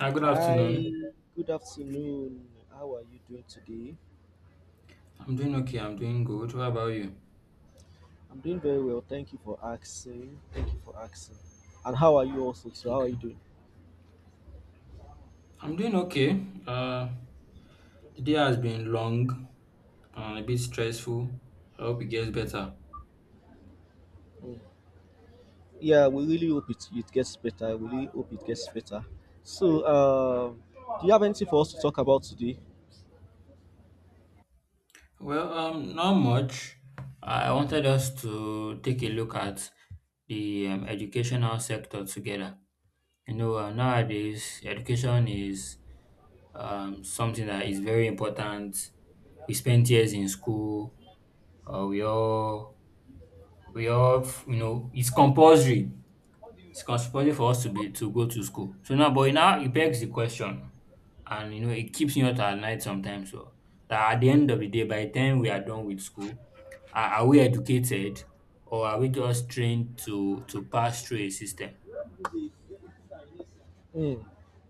Hi, good Hi, afternoon. good afternoon. How are you doing today? I'm doing okay. I'm doing good. What about you? I'm doing very well. Thank you for asking. Thank you for asking. And how are you also? So, how are you Okay. doing? I'm doing okay. Uh, the day has been long and a bit stressful. I hope it gets better. Mm. Yeah, we really hope it, it gets better. We really hope it gets better. So, do you have anything for us to talk about today? Not much. I wanted us to take a look at the educational sector together. You know, nowadays education is something that is very important. We spent years in school. Uh, we all we all you know it's compulsory for us to be to go to school. So now, but now it begs the question, and you know, it keeps me up at night sometimes. So that at the end of the day, by the time we are done with school, are we educated, or are we just trained to pass through a system? Mm.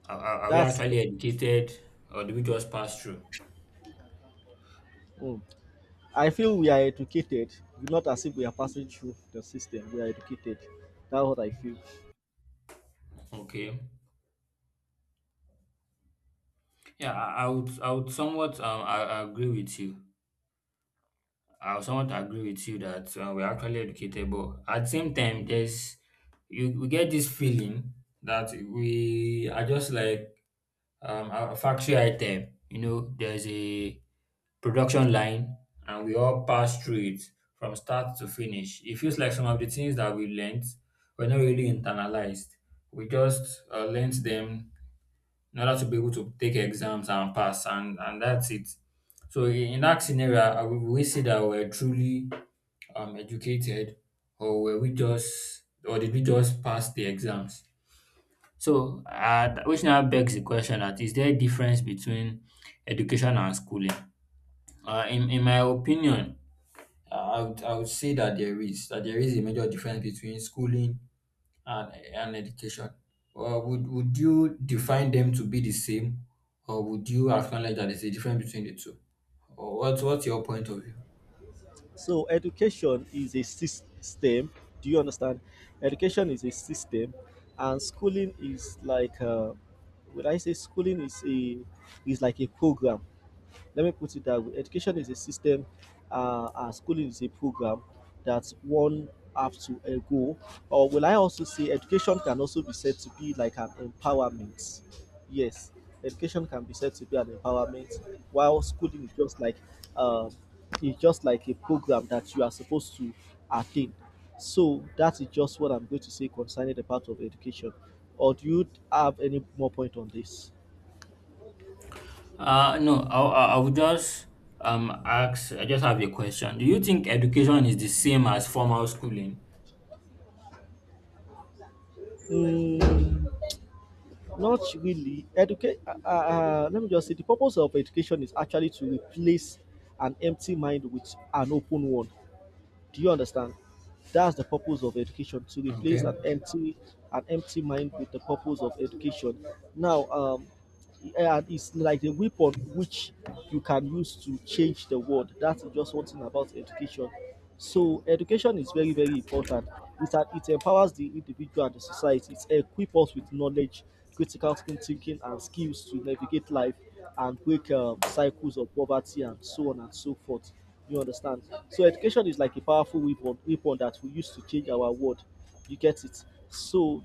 Are we That's. actually educated, or do we just pass through? Mm. I feel we are educated. Not as if we are passing through the system. We are educated. That's what I feel. Okay. Yeah, I would somewhat I agree with you. I would somewhat agree with you that we're actually educated, but at the same time there's you we get this feeling that we are just like a factory item. You know, there's a production line, and we all pass through it from start to finish. It feels like some of the things that we learned were not really internalized. We just learned them in order to be able to take exams and pass, and that's it. So in that scenario, I would we say that we're truly educated, or were we just, or did we just pass the exams? So, which now begs the question, that is there a difference between education and schooling? In my opinion, I would say that there is a major difference between schooling and education. Would you define them to be the same, or would you acknowledge that there's a difference between the two? Or what's your point of view? So education is a system. Do you understand? Education is a system, and schooling is like, would I say schooling is a is like a program, let me put it that way. Education is a system, and schooling is a program that one have to go. Or will I also say education can also be said to be like an empowerment? Yes, education can be said to be an empowerment, while schooling is just like um, it's just like a program that you are supposed to attain. So that is just what I'm going to say concerning the part of education. Or do you have any more point on this? No, I would just ask. I just have a question. Do you think education is the same as formal schooling? Mm, Not really. Educate. Let me just say the purpose of education is actually to replace an empty mind with an open one. Do you understand? That's the purpose of education, to replace Okay. An empty mind with the purpose of education. Now, and it's like a weapon which you can use to change the world. That's just one thing about education. So education is very important. It's that it empowers the individual and the society. It equips us with knowledge, critical thinking, and skills to navigate life and break cycles of poverty and so on and so forth. You understand? So education is like a powerful weapon, weapon that we use to change our world. You get it? So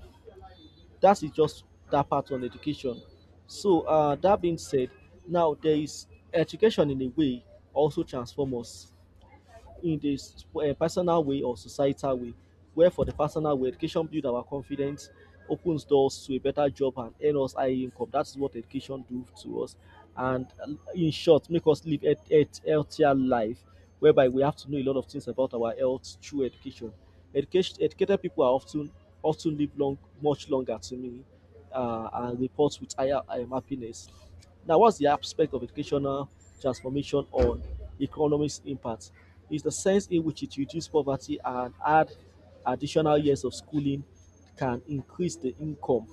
that is just that part on education. So that being said, now there is education in a way also transform us in this personal way or societal way, where for the personal way, education builds our confidence, opens doors to a better job and earn us high income. That's what education do to us. And in short, make us live a healthier life, whereby we have to know a lot of things about our health through education. Education educated people are often often live long much longer to me, and report with higher happiness. Now, what's the aspect of educational transformation on economics impact? Is the sense in which it reduces poverty, and add additional years of schooling can increase the income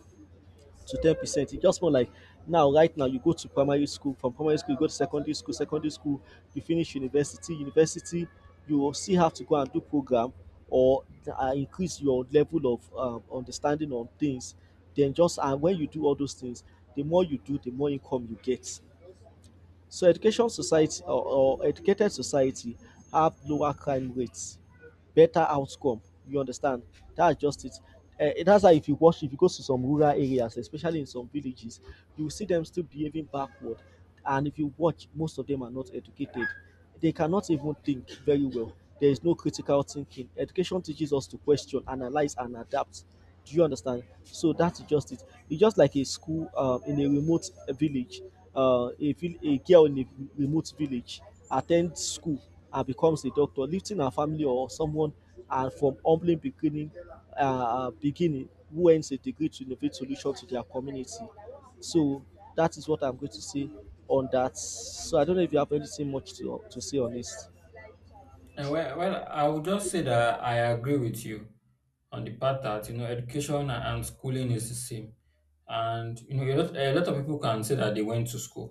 to 10%. It's just more like now, right now, you go to primary school, from primary school, you go to secondary school, you finish university, university, you will still have to go and do program or increase your level of understanding on things. Then just and when you do all those things, the more you do, the more income you get. So education society or educated society have lower crime rates, better outcome. You understand? That's just it. That's why if you watch, if you go to some rural areas, especially in some villages, you will see them still behaving backward. And if you watch, most of them are not educated. They cannot even think very well. There is no critical thinking. Education teaches us to question, analyze, and adapt. Do you understand? So that's just it. It's just like a school in a remote village. A girl in a remote village attends school and becomes a doctor, lifting her family or someone, and from humbling beginning, beginning who earns a degree to innovate solution to their community. So that is what I'm going to say on that. So I don't know if you have anything much to say on this. Well, I would just say that I agree with you on the part that you know education and schooling is the same, and you know a lot of people can say that they went to school.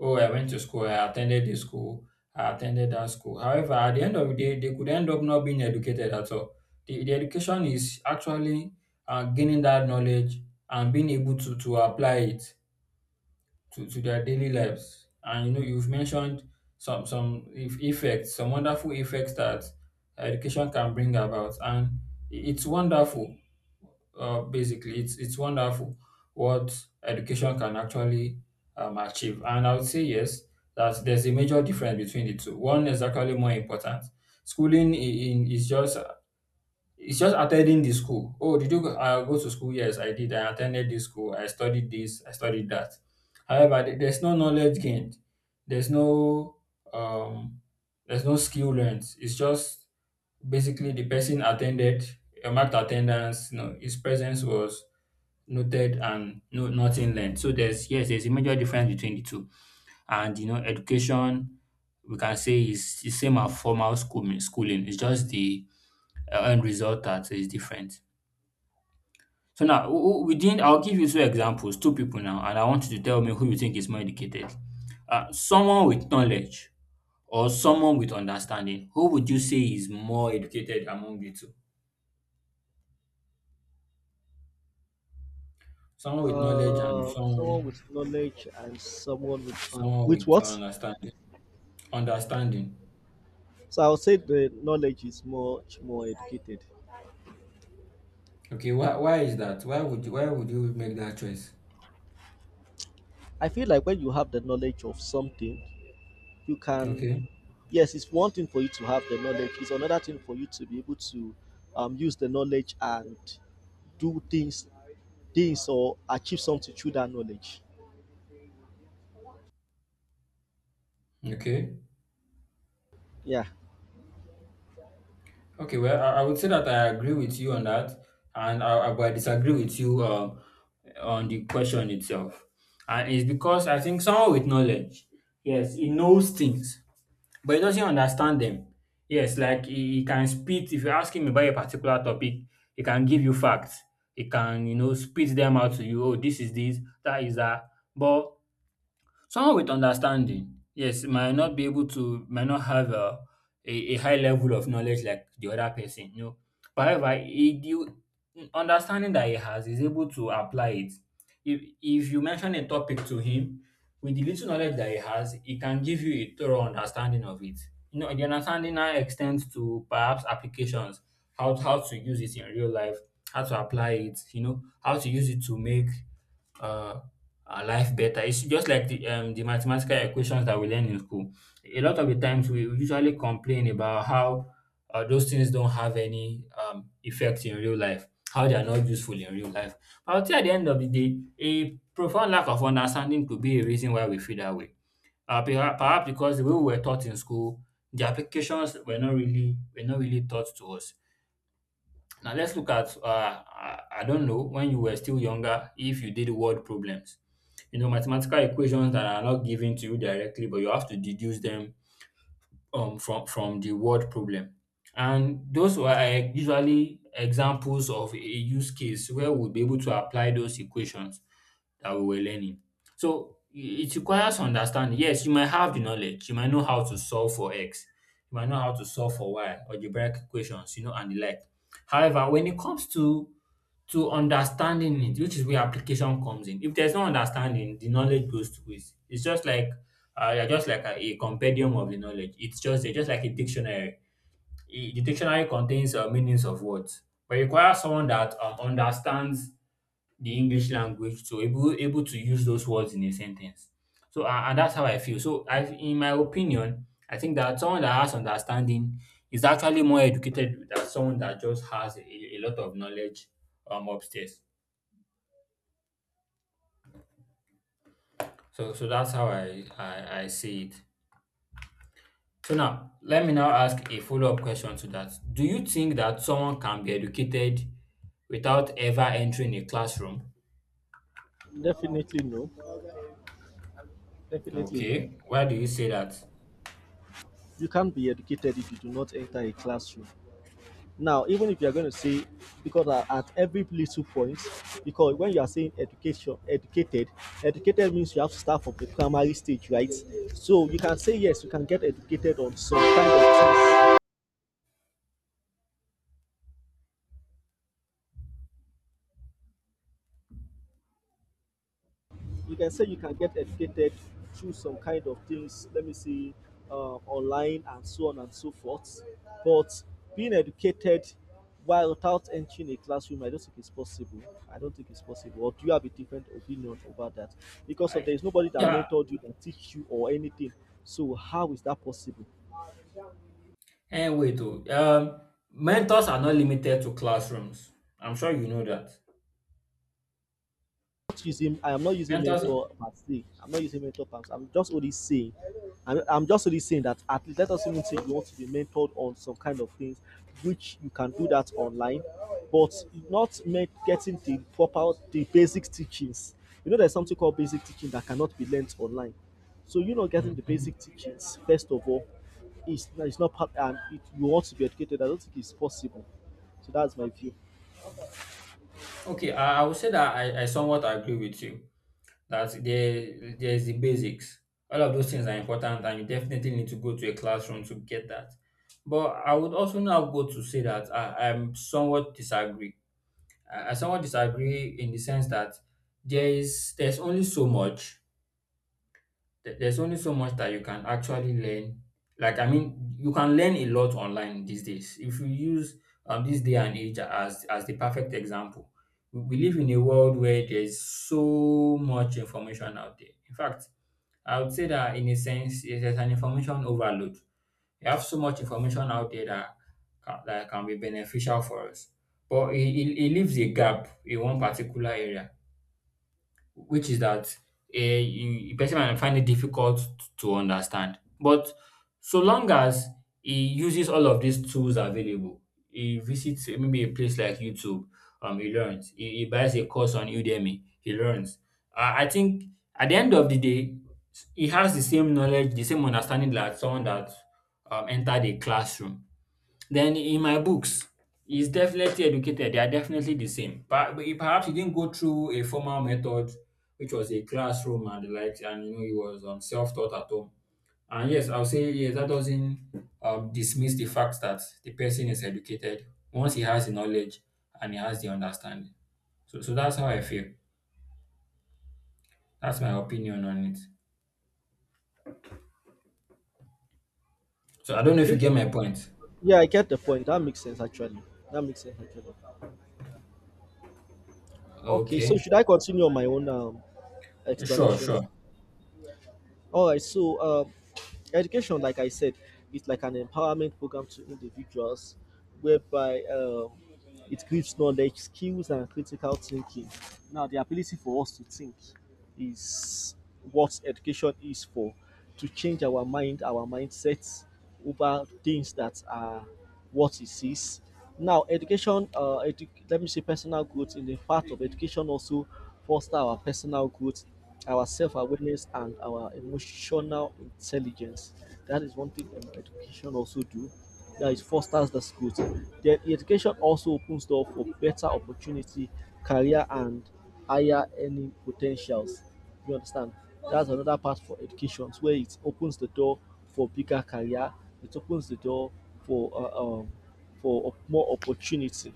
Oh, I went to school. I attended this school. I attended that school. However, at the end of the day, they could end up not being educated at all. The education is actually gaining that knowledge and being able to apply it to their daily lives. And you know, you've mentioned some if effects, some wonderful effects that education can bring about, and it's wonderful. Basically, it's wonderful what education can actually achieve. And I would say yes, that there's a major difference between the two. One is actually more important. Schooling in is just it's just attending the school. Oh, did you go, go to school? Yes, I did. I attended this school. I studied this. I studied that. However, there's no knowledge gained. There's no um, there's no skill learned. It's just basically the person attended, marked attendance. You know, his presence was noted and nothing learned. So there's yes, there's a major difference between the two. And, you know, education, we can say is the same as formal schooling. It's just the end result that is different. So now, I'll give you two examples, two people now, and I want you to tell me who you think is more educated. Someone with knowledge or someone with understanding. Who would you say is more educated among the two? Someone with knowledge and Someone someone with knowledge and someone with fun. someone With with what? understanding. Understanding. So I would say the knowledge is much more educated. Okay, why is that? Why would you make that choice? I feel like when you have the knowledge of something, you can, Okay, yes, it's one thing for you to have the knowledge, it's another thing for you to be able to use the knowledge and do things, things or achieve something through that knowledge. okay. Yeah, Okay, well, I would say that I agree with you on that, and but I disagree with you on the question itself. And it's because I think someone with knowledge, yes, he knows things, but he doesn't understand them. Yes, like he can spit, if you ask him about a particular topic, he can give you facts. He can, you know, spit them out to you. Oh, this is this, that is that. But someone with understanding, yes, might not be able to, might not have a high level of knowledge like the other person, you know. But however, he, you, understanding that he has is able to apply it. If you mention a topic to him, with the little knowledge that he has, he can give you a thorough understanding of it. You know, the understanding now extends to perhaps applications, how to use it in real life, how to apply it, you know, how to use it to make uh, our life better. It's just like the mathematical equations that we learn in school. A lot of the times we usually complain about how those things don't have any effect in real life, how they are not useful in real life. But I would say at the end of the day, a profound lack of understanding could be a reason why we feel that way. Perhaps because the way we were taught in school, the applications were not really taught to us. Now let's look at I don't know when you were still younger if you did word problems. You know, mathematical equations that are not given to you directly, but you have to deduce them from the word problem. And those were usually examples of a use case where we'll be able to apply those equations that we were learning. So it requires understanding. Yes, you might have the knowledge, you might know how to solve for X, you might know how to solve for Y, algebraic equations, you know, and the like. However, when it comes to understanding it, which is where application comes in. If there's no understanding, the knowledge goes to waste. It's just like you're just like a compendium of the knowledge. It's just they're just like a dictionary. The dictionary contains meanings of words, but it requires someone that understands the English language to able to use those words in a sentence. So and that's how I feel. So I, in my opinion, I think that someone that has understanding is actually more educated than someone that just has a lot of knowledge upstairs. So, so that's how I see it. So now, let me now ask a follow-up question to that. Do you think that someone can be educated without ever entering a classroom? definitely no, definitely no. Okay, why do you say that? You can't be educated if you do not enter a classroom. Now, even if you are going to say, because at every little point, because when you are saying education, educated, educated means you have to start from the primary stage, right? So you can say yes, you can get educated on some kind of things. You can say you can get educated through some kind of things, let me see, online and so on and so forth. But being educated while without entering a classroom, I don't think it's possible. I don't think it's possible. Or do you have a different opinion about that? Because of I, there is nobody that yeah, mentored you, that teach you or anything. So how is that possible? and wait, mentors are not limited to classrooms. I'm sure you know that. Using I am not using Mentors. Are- mentor per se. I'm not using mentor per I'm just only saying I'm just only saying that at least let us even say you want to be mentored on some kind of things which you can do that online, but not make, getting the proper the basic teachings. You know there's something called basic teaching that cannot be learnt online. So you not getting the Mhm. basic teachings first of all is it's not part and it, you want to be educated. I don't think it's possible. So that's my view. Okay, I would say that I somewhat agree with you that there there's the basics. All of those things are important and you definitely need to go to a classroom to get that. But I would also now go to say that I'm somewhat disagree. I somewhat disagree in the sense that there's only so much there's only so much that you can actually learn. Like, I mean, you can learn a lot online these days. If you use this day and age as the perfect example, we live in a world where there's so much information out there. In fact, I would say that in a sense, it is an information overload. You have so much information out there that can be beneficial for us, but it leaves a gap in one particular area which is that a person might find it difficult to understand. But so long as he uses all of these tools available, he visits maybe a place like YouTube, he learns. He buys a course on Udemy, he learns. I think at the end of the day, he has the same knowledge, the same understanding that someone that entered a classroom. Then in my books, he's definitely educated. They are definitely the same. Perhaps he didn't go through a formal method, which was a classroom and the likes, and you know he was self-taught at home. And yes, I'll say yes, that doesn't dismiss the fact that the person is educated once he has the knowledge and he has the understanding. So, so that's how I feel. That's my opinion on it. So I don't know if you Okay. get my point. Yeah, I get the point. That makes sense actually. That makes sense actually. Okay, so Okay. should I continue on my own Sure, sure. explanations? All right. So education, like I said, is like an empowerment program to individuals, whereby it gives knowledge, skills, and critical thinking. Now, the ability for us to think is what education is for, to change our mind, our mindsets over things that are what it is. Now education let me say personal growth, in the part of education also foster our personal growth, our self-awareness and our emotional intelligence. That is one thing education also do, that is fosters the growth. Then education also opens door for better opportunity, career, and higher earning potentials. You understand? That's another part for education where it opens the door for bigger career. It opens the door for uh, um for more opportunity.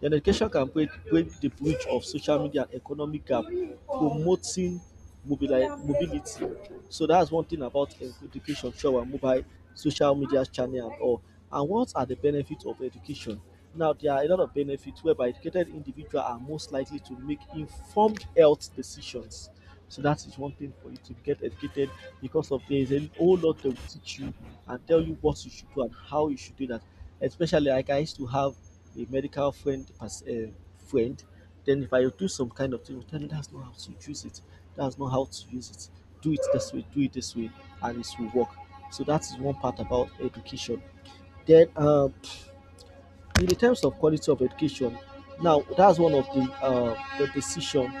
The education can break the bridge of social media and economic gap, promoting mobility. So that's one thing about education through our mobile social media channel and all. And what are the benefits of education? Now, there are a lot of benefits, whereby educated individuals are most likely to make informed health decisions. So that is one thing for you to get educated, because of there is a whole lot they will teach you and tell you what you should do and how you should do that. Especially like I used to have a medical friend friend, then if I do some kind of thing, tell me that's not how to use it. That's not how to use it. Do it this way. Do it this way, and it will work. So that is one part about education. Then in the terms of quality of education, now that's one of the decision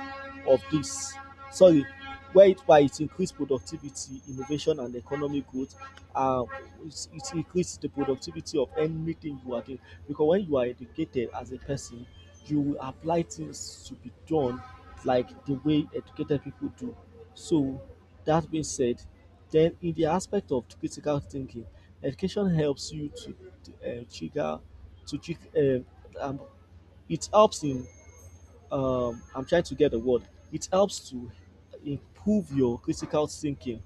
of this, sorry, where it by it increased productivity, innovation, and economic growth. uh, it, it increases the productivity of anything you are doing, because when you are educated as a person, you will apply things to be done like the way educated people do. So that being said, then in the aspect of critical thinking, education helps you to trigger to check. Um, it helps in. I'm trying to get the word. It helps to improve your critical thinking.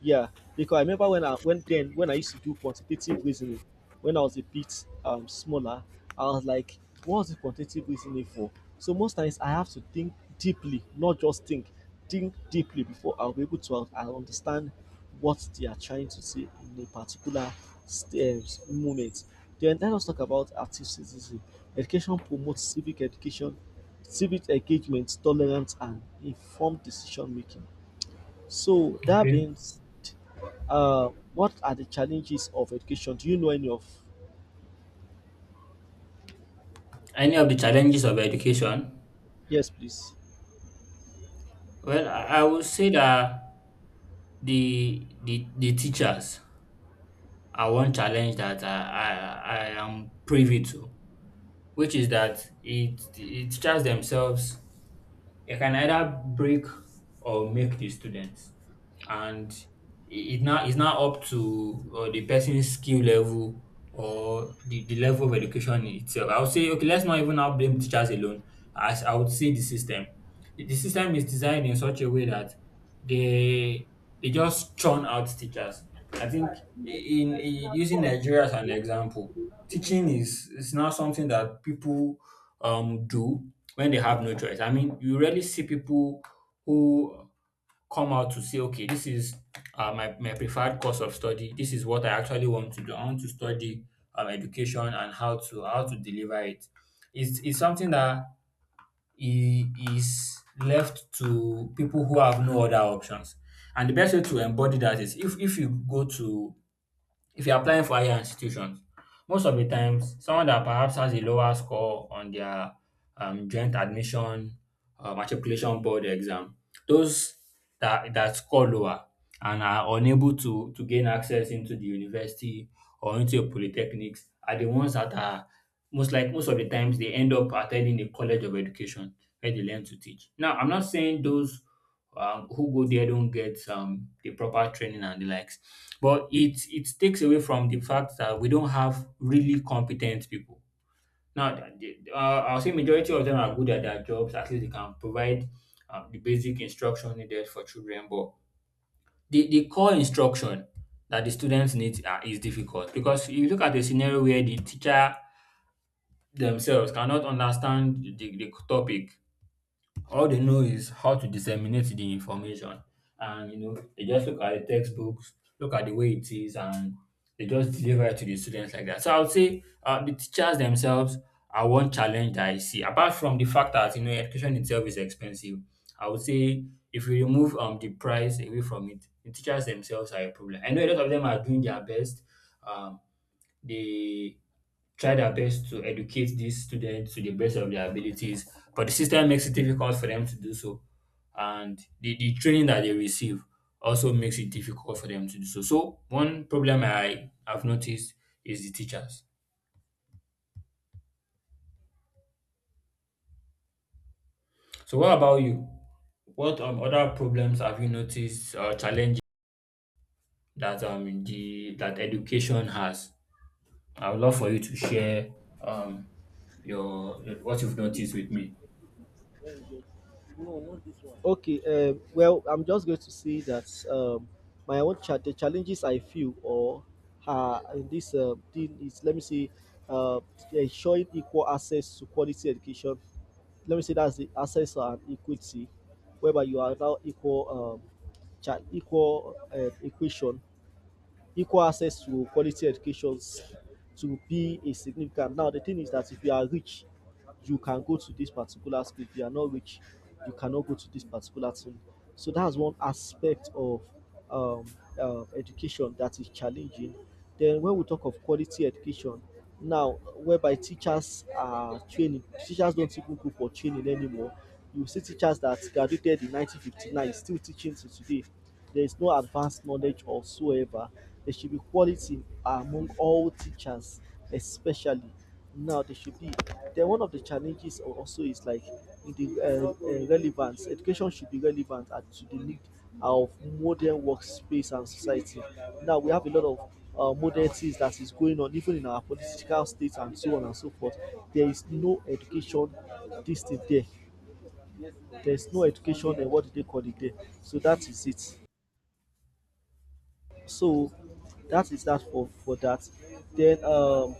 Yeah, because I remember when I when then when I used to do quantitative reasoning, when I was a bit smaller, I was like, what's the quantitative reasoning for? So most times I have to think deeply, not just think deeply before I'll be able to un- I understand what they are trying to say in a particular st- moment. Then let us talk about active citizenship. Education promotes civic education, civic engagement, tolerance, and informed decision making. So that Okay. means what are the challenges of education? Do you know any of? Any of the challenges of education? Yes, please. Well, I would say that the teachers are one challenge that I am privy to, which is that it the teachers themselves it can either break or make the students, and it's now up to the person's skill level or the level of education itself. I would say okay, let's not even now blame teachers alone. As I would say the system, the system is designed in such a way that they they just churn out teachers. I think in using Nigeria as an example, teaching is now something that people do when they have no choice. I mean, you rarely see people who come out to say, okay, this is my preferred course of study. This is what I actually want to do. I want to study education and how to deliver it. It's something that is left to people who have no other options. And the best way to embody that is if you go to if you're applying for higher institutions, most of the times, someone that perhaps has a lower score on their joint admission matriculation board exam, those that score lower and are unable to gain access into the university or into a polytechnics are the ones that are most of the times they end up attending a college of education where they learn to teach. Now, I'm not saying those who go there don't get the proper training and the likes. But it takes away from the fact that we don't have really competent people. Now, I'll say majority of them are good at their jobs. At least they can provide the basic instruction needed for children. But the core instruction that the students need is difficult, because if you look at a scenario where the teacher themselves cannot understand the topic, all they know is how to disseminate the information, and they just look at the textbooks, look at the way it is, and they just deliver it to the students like that. So I would say the teachers themselves are one challenge that I see, apart from the fact that education itself is expensive. I would say if we remove the price away from it, the teachers themselves are a problem. I know a lot of them are doing their best. um they try their best to educate these students to the best of their abilities, but the system makes it difficult for them to do so. And the training that they receive also makes it difficult for them to do so. So, one problem I have noticed is the teachers. So, what about you? What other problems have you noticed or challenges that the that education has? I would love for you to share um your what you've noticed with me. Okay. Well, I'm just going to say that um, my own the challenges I feel or in this thing is let me see, uh, ensuring equal access to quality education. Let me say that's the access and equity, whereby you are now equal equal equation equal access to quality educations to be a significant. Now the thing is that if you are rich, you can go to this particular school. If you are not rich, you cannot go to this particular thing. So that's one aspect of um, education that is challenging. Then when we talk of quality education, now whereby teachers are training, teachers don't even go for training anymore. You see teachers that graduated in 1959 still teaching till today. There is no advanced knowledge whatsoever. There should be quality among all teachers, especially now they should be. Then one of the challenges also is like in the relevance. Education should be relevant at, to the need of modern workspace and society. Now we have a lot of modern things that is going on, even in our political states and so on and so forth. There is no education this thing there. There is no education and what do they call it there? So that is it. So that is that for that. Then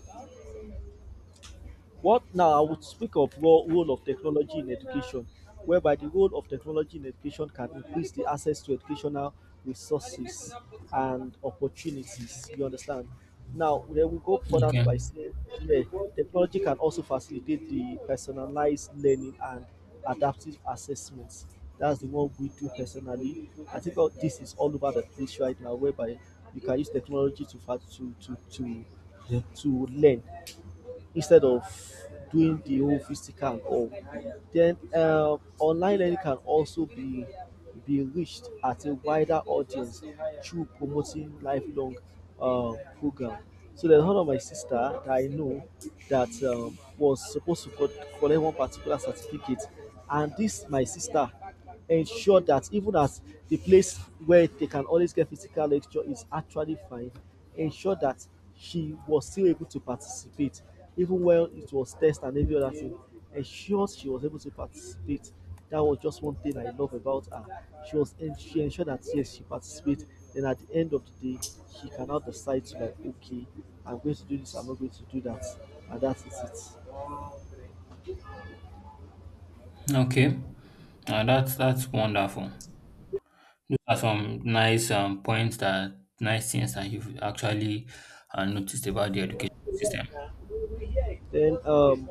What now I would speak of role, role of technology in education, whereby the role of technology in education can increase the access to educational resources and opportunities. You understand? Now, then we go further Okay. by saying, yeah, technology can also facilitate the personalized learning and adaptive assessments. That's the one we do personally. I think all this is all over the place right now, whereby you can use technology to to learn instead of doing the whole physical, or then online learning can also be reached at a wider audience through promoting lifelong uh, program. So there's one of my sister that I know that was supposed to collect one particular certificate, and this my sister ensure that even as the place where they can always get physical lecture is actually fine, ensure that she was still able to participate even when it was test and every other thing. Ensure she was able to participate. That was just one thing I love about her. She was and she ensured that yes, she participates. Then at the end of the day, she can now decide to like, okay, I'm going to do this, I'm not going to do that, and that is it. Okay. That's wonderful. Are some nice things that you've actually noticed about the education system. Then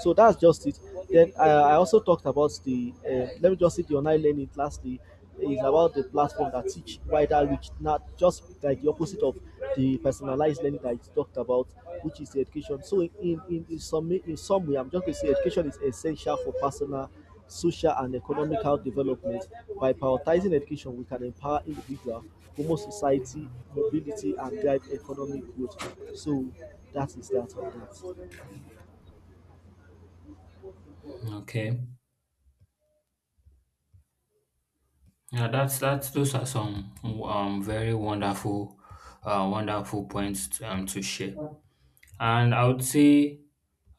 so that's just it. Then I also talked about the let me just say the online learning lastly is about the platform that teach wider reach, not just like the opposite of the personalized learning that you talked about, which is the education. So in some way, I'm just going to say education is essential for personal, social, and economic health development. By prioritizing education, we can empower individuals. Homo society, mobility and drive economic growth. So that is that on that. Okay, yeah, that's those are some very wonderful points to share. And I would say,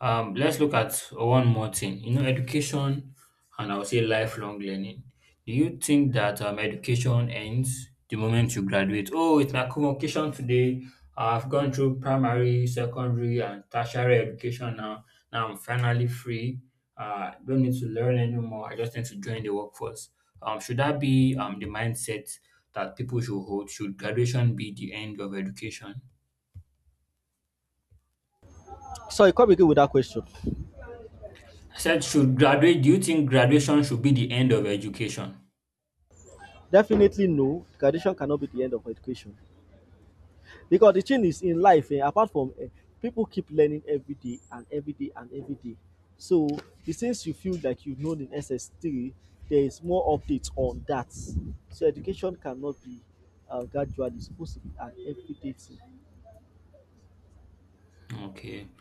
let's look at one more thing. You know, education, and I would say lifelong learning. Do you think that education ends the moment you graduate? Oh, it's my convocation today. I've gone through primary, secondary, and tertiary education now. Now I'm finally free. Don't need to learn anymore. I just need to join the workforce. Should that be the mindset that people should hold? Should graduation be the end of education? Sorry, come again with that question. I said, should graduate do you think graduation should be the end of education? Definitely no, graduation cannot be the end of education. Because the thing is in life, apart from pipu, keep learning everyday and everyday and everyday. So the things you feel like you know in SS three, there is more update on that. So education cannot be gradually, e suppose to be an everyday thing. Okay.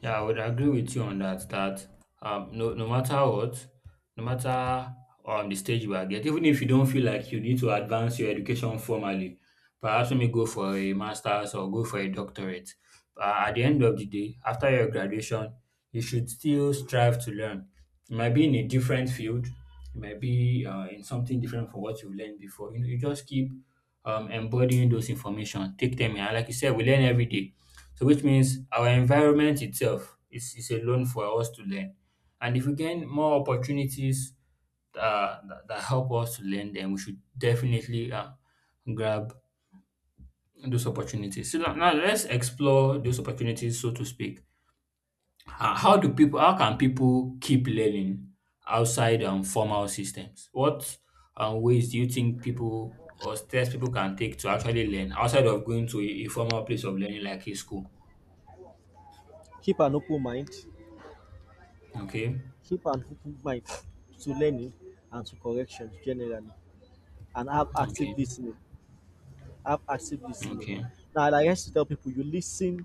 Yeah, I would agree with you on that. That no, no matter what, no matter the stage you are get, even if you don't feel like you need to advance your education formally, perhaps let me go for a master's or go for a doctorate. At the end of the day, after your graduation, you should still strive to learn. It might be in a different field, it might be in something different from what you've learned before. You know, you just keep embodying those information, take them in. And, like you said, we learn every day. So which means our environment itself is a loan for us to learn. And if we gain more opportunities that help us to learn, then we should definitely grab those opportunities. So now let's explore those opportunities, so to speak. How do people? How can people keep learning outside formal systems? What ways do you think people or steps people can take to actually learn outside of going to a formal place of learning like a school? Keep an open mind. Okay, Keep an open mind to learning and to corrections generally, and have active okay. listening. Have active listening. Okay, Now, like I used to tell people, you listen,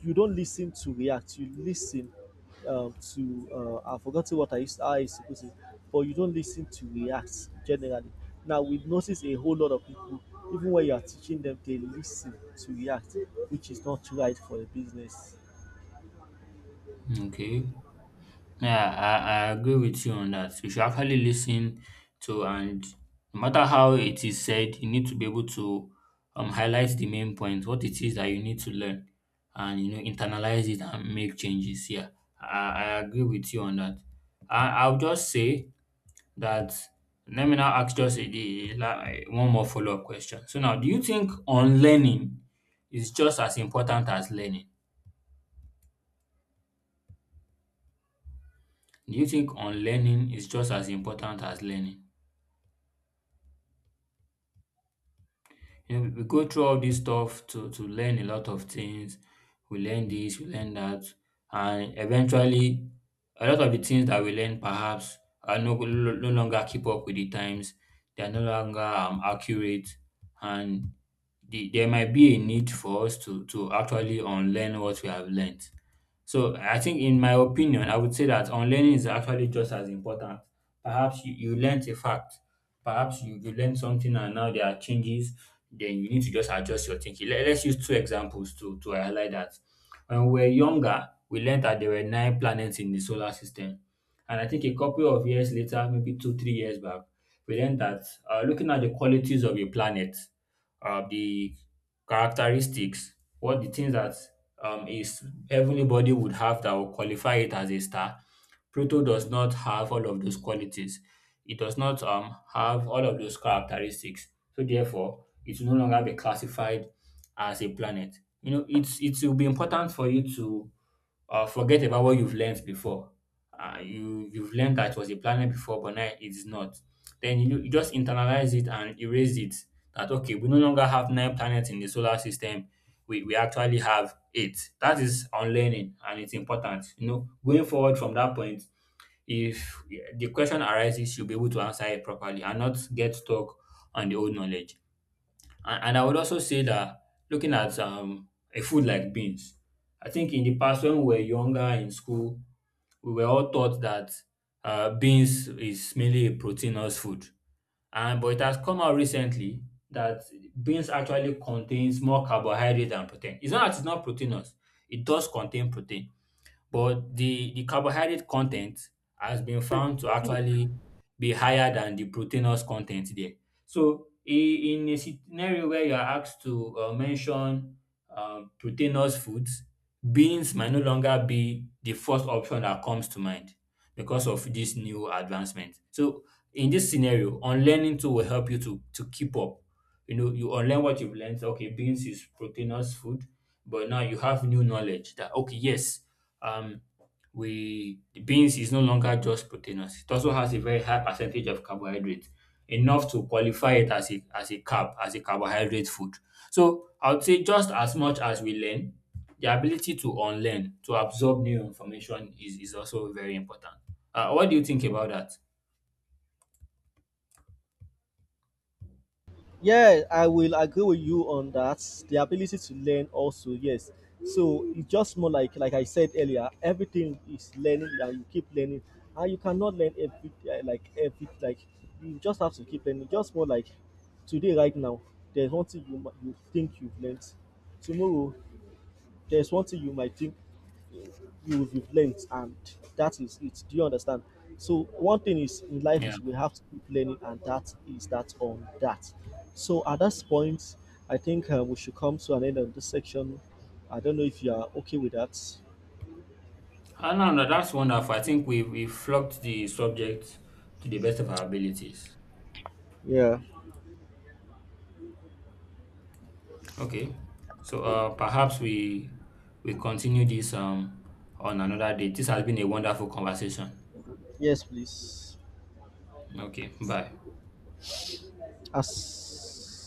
you don't listen to react, you listen I forgot forgotten what I used, how I used to put it, but you don't listen to react generally. Now, we notice a whole lot of people, even when you are teaching them, they listen to react, which is not right for a business. okay. Yeah, I agree with you on that. You should actually listen to and, no matter how it is said, you need to be able to highlight the main point, what it is that you need to learn, and internalize it and make changes. Yeah. I agree with you on that. I'll just say that let me now ask just like, one more follow-up question. So now do you think unlearning is just as important as learning? Do you think unlearning is just as important as learning? You know, we go through all this stuff to learn a lot of things. We learn this, we learn that, and eventually, a lot of the things that we learn perhaps are no longer keep up with the times. They are no longer accurate, and there might be a need for us to actually unlearn what we have learned. So I think, in my opinion, I would say that unlearning is actually just as important. Perhaps you learnt a fact, perhaps you learned something and now there are changes, then you need to just adjust your thinking. Let's use two examples to highlight that. When we were younger, we learned that there were nine planets in the solar system. And I think a couple of years later, maybe two, 3 years back, we learned that looking at the qualities of a planet, the characteristics, what the things that is everybody would have that will qualify it as a star. Pluto does not have all of those qualities. It does not have all of those characteristics. So therefore, it will no longer be classified as a planet. You know, it will be important for you to forget about what you've learned before. You've learned that it was a planet before, but now it's not. Then you just internalize it and erase it. That, okay, we no longer have nine planets in the solar system. We actually have eight. That is unlearning, and it's important. You know, going forward from that point, if, yeah, the question arises, you'll be able to answer it properly and not get stuck on the old knowledge. And I would also say that looking at a food like beans, I think in the past when we were younger in school, we were all taught that beans is mainly a proteinous food. And but it has come out recently that beans actually contains more carbohydrates than protein. It's not that it's not proteinous; it does contain protein. But the carbohydrate content has been found to actually be higher than the proteinous content there. So in a scenario where you are asked to mention proteinous foods, beans might no longer be the first option that comes to mind because of this new advancement. So in this scenario, unlearning too will help you to keep up. You know, you unlearn what you've learned. Okay, beans is proteinous food, but now you have new knowledge that, okay, yes, um, we the beans is no longer just proteinous. It also has a very high percentage of carbohydrate, enough to qualify it as a carbohydrate food. So I would say, just as much as we learn, the ability to unlearn, to absorb new information is also very important. What do you think about that? Yeah, I will agree with you on that. The ability to learn also, yes. So it's just more like I said earlier, everything is learning and you keep learning. And you cannot learn every like every like you just have to keep learning. Just more like today right now, there's one thing you you think you've learned. Tomorrow, there's one thing you might think you will relent, and that is it. Do you understand? So one thing is, in life, Yeah. is we have to keep learning, and that is that on that. So at this point, I think we should come to an end of this section. I don't know if you are okay with that. Ah, no, no, that's wonderful. I think we've flogged the subject to the best of our abilities. Yeah. Okay. So perhaps we continue this on another day. This has been a wonderful conversation. Yes, please. Okay. Bye. As